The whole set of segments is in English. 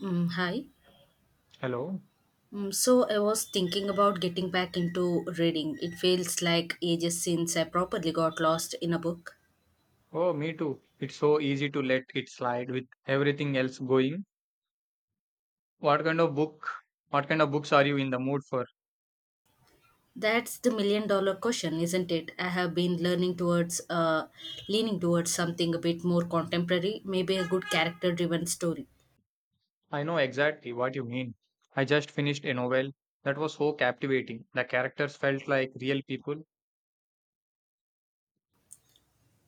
Hi. Hello. So I was thinking about getting back into reading. It feels like ages since I properly got lost in a book. Oh, me too. It's so easy to let it slide with everything else going. What kind of book, what kind of books are you in the mood for? That's the million dollar question, isn't it? I have been leaning towards something a bit more contemporary, maybe a good character driven story. I know exactly what you mean. I just finished a novel that was so captivating. The characters felt like real people.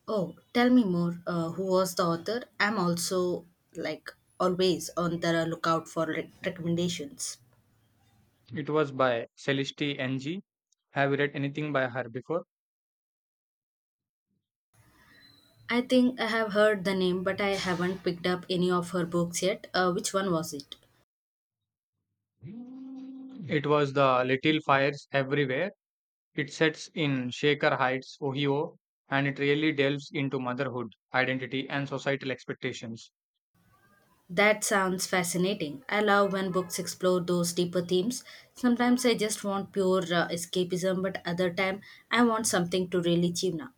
Oh, tell me more. Who was the author? I'm also always on the lookout for recommendations. It was by Celeste Ng. Have you read anything by her before? I think I have heard the name, but I haven't picked up any of her books yet. Which one was it? It was The Little Fires Everywhere. It sets in Shaker Heights, Ohio, and it really delves into motherhood, identity, and societal expectations. That sounds fascinating. I love when books explore those deeper themes. Sometimes I just want pure escapism, but other time I want something to really chew now.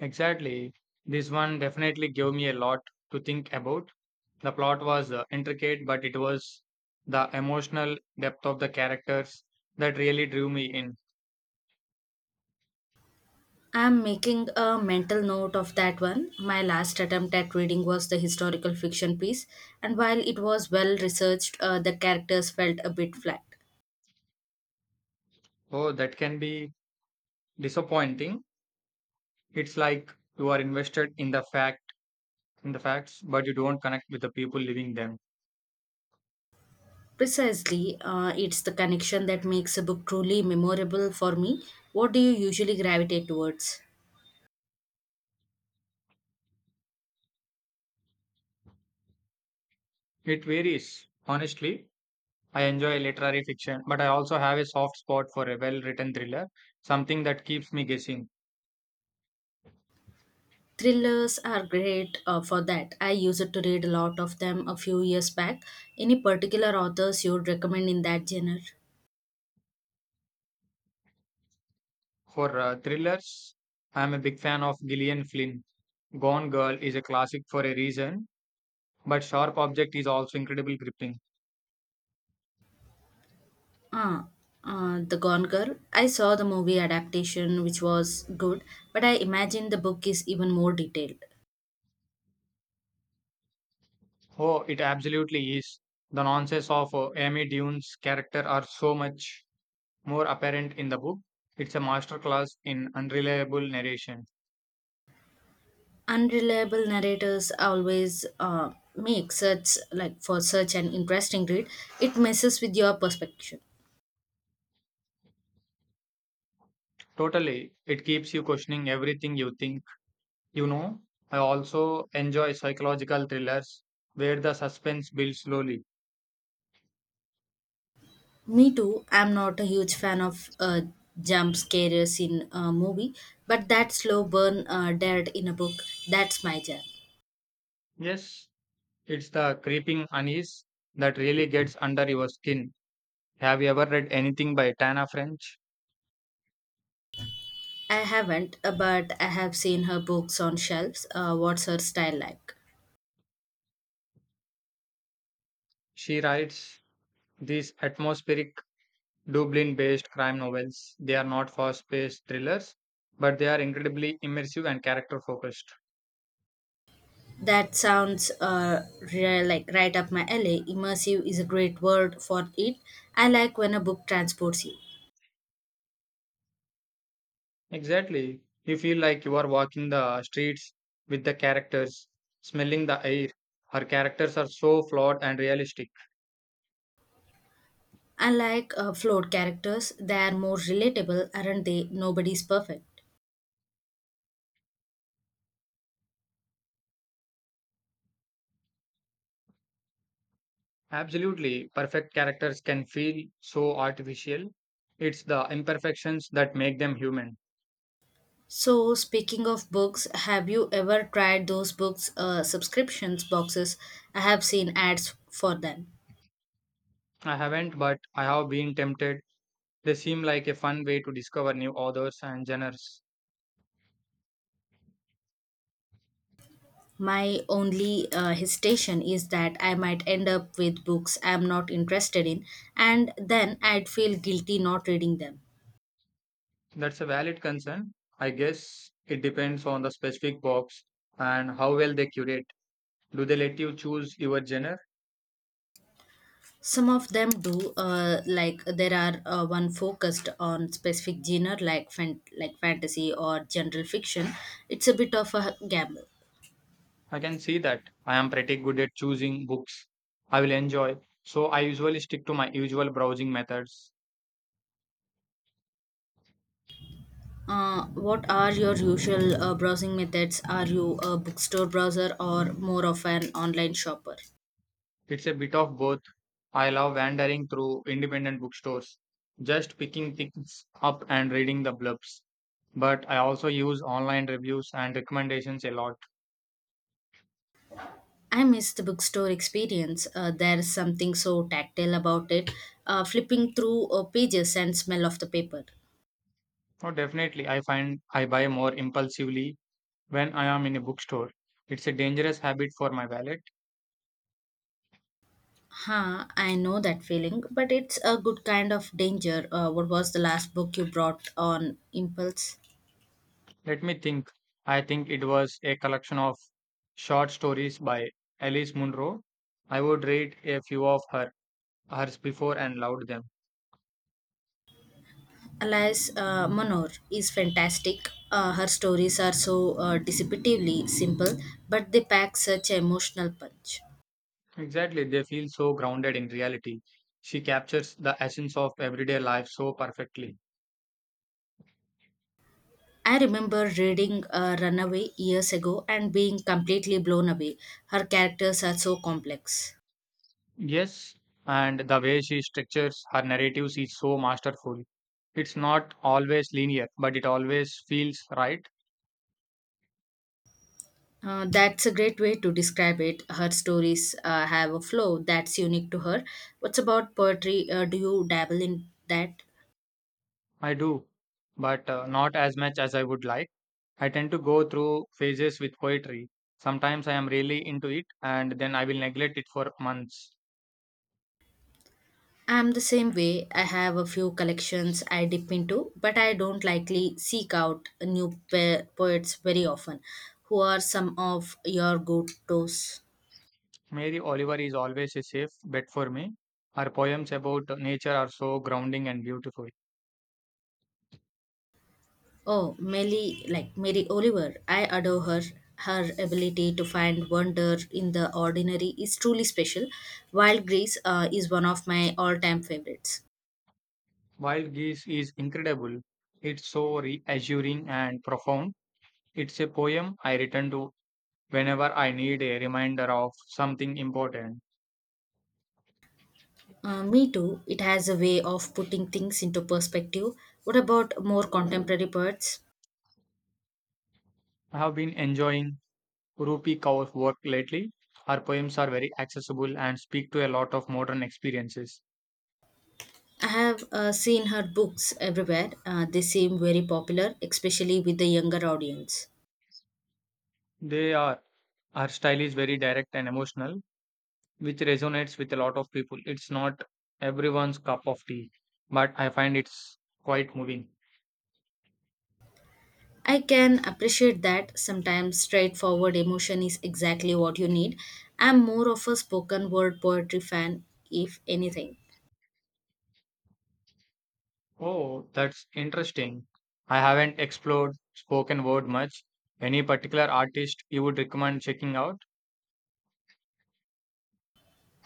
Exactly. This one definitely gave me a lot to think about. The plot was intricate, but it was the emotional depth of the characters that really drew me in. I'm making a mental note of that one. My last attempt at reading was the historical fiction piece, and while it was well researched, the characters felt a bit flat. Oh, that can be disappointing. It's like you are invested in the fact in the facts, but you don't connect with the people living them. Precisely, it's the connection that makes a book truly memorable for me. What do you usually gravitate towards? It varies. Honestly, I enjoy literary fiction, but I also have a soft spot for a well-written thriller, something that keeps me guessing. Thrillers are great for that. I used to read a lot of them a few years back. Any particular authors you would recommend in that genre? For thrillers, I'm a big fan of Gillian Flynn. Gone Girl is a classic for a reason, but Sharp Object is also incredibly gripping. Ah, The Gone Girl. I saw the movie adaptation, which was good, but I imagine the book is even more detailed. Oh, it absolutely is. The nonsense of Amy Dune's character are so much more apparent in the book. It's a masterclass in unreliable narration. Unreliable narrators always make such like for such an interesting read. It messes with your perspective. Totally, it keeps you questioning everything you think. You know, I also enjoy psychological thrillers where the suspense builds slowly. Me too. I'm not a huge fan of jump scares in a movie, but that slow burn dead in a book, that's my jam. Yes, it's the creeping unease that really gets under your skin. Have you ever read anything by Tana French? I haven't, but I have seen her books on shelves. What's her style like? She writes these atmospheric Dublin based crime novels. They are not fast paced thrillers, but they are incredibly immersive and character focused. That sounds real, like, right up my alley. Immersive is a great word for it. I like when a book transports you. Exactly. You feel like you are walking the streets with the characters, smelling the air. Her characters are so flawed and realistic. Unlike Flawed characters, they are more relatable, aren't they? Nobody's perfect. Absolutely, perfect characters can feel so artificial. It's the imperfections that make them human. So, speaking of books, have you ever tried those books subscriptions boxes? I have seen ads for them. I haven't, but I have been tempted. They seem like a fun way to discover new authors and genres. My only hesitation is that I might end up with books I'm not interested in, and then I'd feel guilty not reading them. That's a valid concern. I guess it depends on the specific box and how well they curate. Do they let you choose your genre? Some of them do, like there are one focused on specific genre like like fantasy or general fiction. It's a bit of a gamble. I can see that. I am pretty good at choosing books I will enjoy, so I usually stick to my usual browsing methods. What are your usual browsing methods? Are you a bookstore browser or more of an online shopper? It's a bit of both. I love wandering through independent bookstores, just picking things up and reading the blurbs. But I also use online reviews and recommendations a lot. I miss the bookstore experience. There's something so tactile about it, flipping through pages and smell of the paper. Oh, definitely, I find I buy more impulsively when I am in a bookstore. It's a dangerous habit for my wallet. Huh, I know that feeling, but it's a good kind of danger. What was the last book you brought on impulse? Let me think. I think it was a collection of short stories by Alice Munro. I would read a few of her hers before and loved them. Alice Munro is fantastic. Her stories are so deceptively simple, but they pack such emotional punch. Exactly, they feel so grounded in reality. She captures the essence of everyday life so perfectly. I remember reading Runaway years ago and being completely blown away. Her characters are so complex. Yes, and the way she structures her narratives is so masterful. It's not always linear, but it always feels right. That's a great way to describe it. Her stories have a flow that's unique to her. What's about poetry? Do you dabble in that? I do, but not as much as I would like. I tend to go through phases with poetry. Sometimes I am really into it, and then I will neglect it for months. I'm the same way. I have a few collections I dip into, but I don't likely seek out new poets very often. Who are some of your go tos? Mary Oliver is always a safe bet for me. Her poems about nature are so grounding and beautiful. Oh, Melly, like Mary Oliver, I adore her. Her ability to find wonder in the ordinary is truly special. Wild Grease is one of my all time favorites. Wild Geese is incredible. It's so reassuring and profound. It's a poem I return to whenever I need a reminder of something important. Me too. It has a way of putting things into perspective. What about more contemporary poets? I have been enjoying Rupi Kaur's work lately. Her poems are very accessible and speak to a lot of modern experiences. I have seen her books everywhere. They seem very popular, especially with the younger audience. They are her style is very direct and emotional, which resonates with a lot of people. It's not everyone's cup of tea, but I find it's quite moving. I can appreciate that sometimes straightforward emotion is exactly what you need. I'm more of a spoken word poetry fan, if anything. Oh, that's interesting. I haven't explored spoken word much. Any particular artist you would recommend checking out?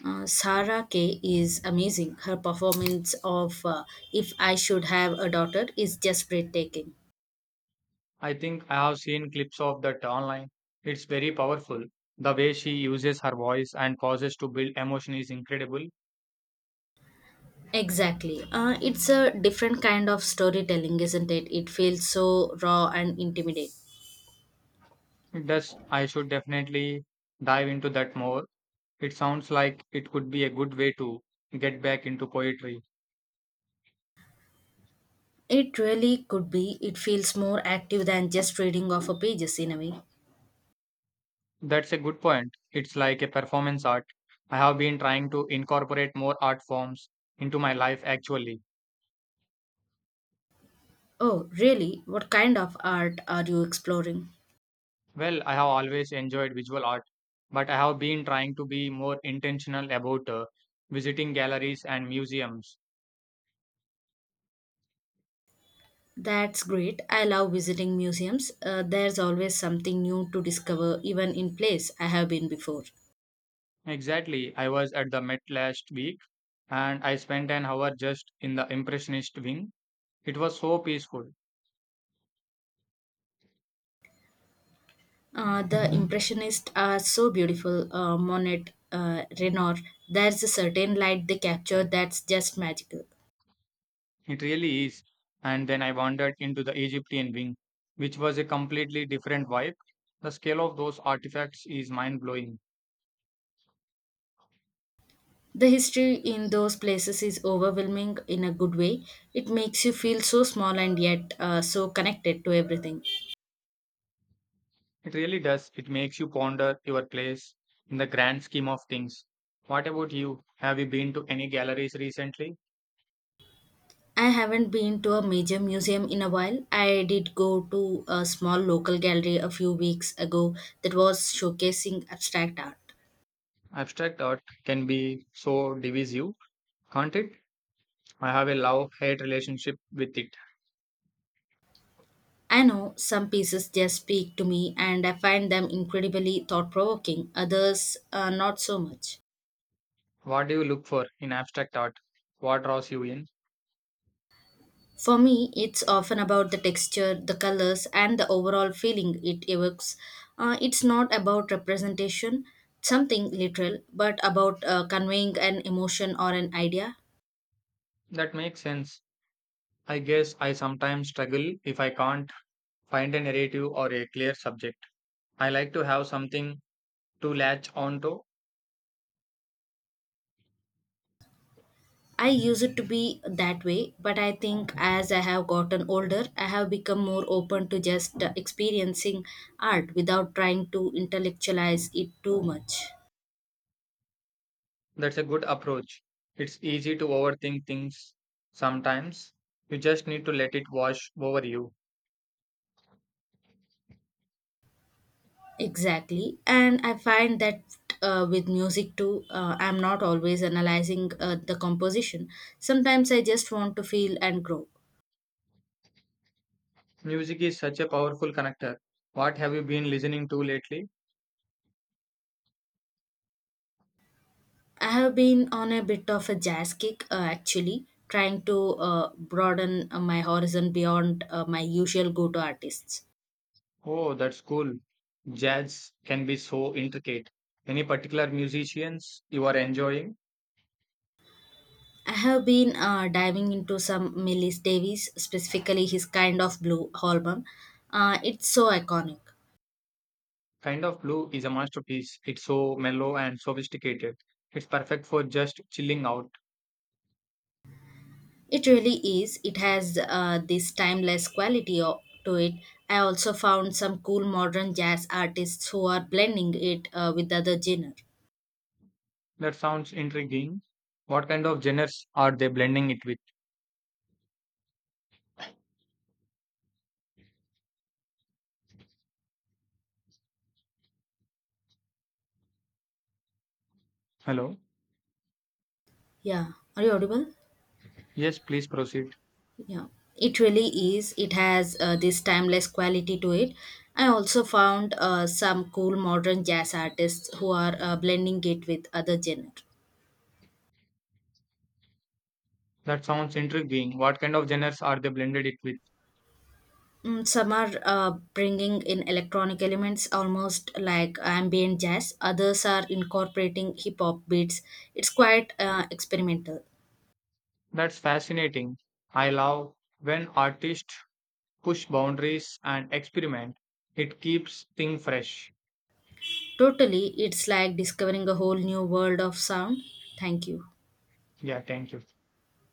Sarah Kay is amazing. Her performance of If I Should Have a Daughter is just breathtaking. I think I have seen clips of that online. It's very powerful. The way she uses her voice and pauses to build emotion is incredible. Exactly. It's a different kind of storytelling, isn't it? It feels so raw and intimate. Thus, I should definitely dive into that more. It sounds like it could be a good way to get back into poetry. It really could be. It feels more active than just reading off a pages in a way. That's a good point. It's like a performance art. I have been trying to incorporate more art forms into my life actually. Oh, really? What kind of art are you exploring? Well, I have always enjoyed visual art, but I have been trying to be more intentional about visiting galleries and museums. That's great. I love visiting museums. There's always something new to discover, even in place I have been before. Exactly. I was at the Met last week and I spent an hour just in the Impressionist wing. It was so peaceful. The Impressionists are so beautiful. Monet, Renoir, there's a certain light they capture that's just magical. It really is. And then I wandered into the Egyptian wing, which was a completely different vibe. The scale of those artifacts is mind blowing. The history in those places is overwhelming in a good way. It makes you feel so small and yet so connected to everything. It really does. It makes you ponder your place in the grand scheme of things. What about you? Have you been to any galleries recently? I haven't been to a major museum in a while. I did go to a small local gallery a few weeks ago that was showcasing abstract art. Abstract art can be so divisive, can't it? I have a love hate relationship with it. I know some pieces just speak to me and I find them incredibly thought provoking, others not so much. What do you look for in abstract art? What draws you in? For me, it's often about the texture, the colors, and the overall feeling it evokes. It's not about representation, something literal, but about conveying an emotion or an idea. That makes sense. I guess I sometimes struggle if I can't find a narrative or a clear subject. I like to have something to latch onto. I use it to be that way, but I think as I have gotten older, I have become more open to just experiencing art without trying to intellectualize it too much. That's a good approach. It's easy to overthink things sometimes. You just need to let it wash over you. Exactly. And I find that with music too, I'm not always analyzing the composition. Sometimes I just want to feel and grow. Music is such a powerful connector. What have you been listening to lately? I have been on a bit of a jazz kick actually, trying to broaden my horizon beyond my usual go to artists. Oh, that's cool. Jazz can be so intricate. Any particular musicians you are enjoying? I have been diving into some Miles Davis, specifically his Kind of Blue album. It's so iconic. Kind of Blue is a masterpiece. It's so mellow and sophisticated. It's perfect for just chilling out. It really is. It has this timeless quality to it. I also found some cool modern jazz artists who are blending it with other genre. That sounds intriguing. What kind of genres are they blending it with? Hello? Yeah. Are you audible? Yes, please proceed. Yeah, it really is. It has this timeless quality to it. I also found some cool modern jazz artists who are blending it with other genre. That sounds intriguing. What kind of genres are they blended it with? Some are bringing in electronic elements almost like ambient jazz, others are incorporating hip hop beats. It's quite experimental. That's fascinating. I love when artists push boundaries and experiment. It keeps things fresh. Totally, it's like discovering a whole new world of sound. Thank you. Yeah, thank you.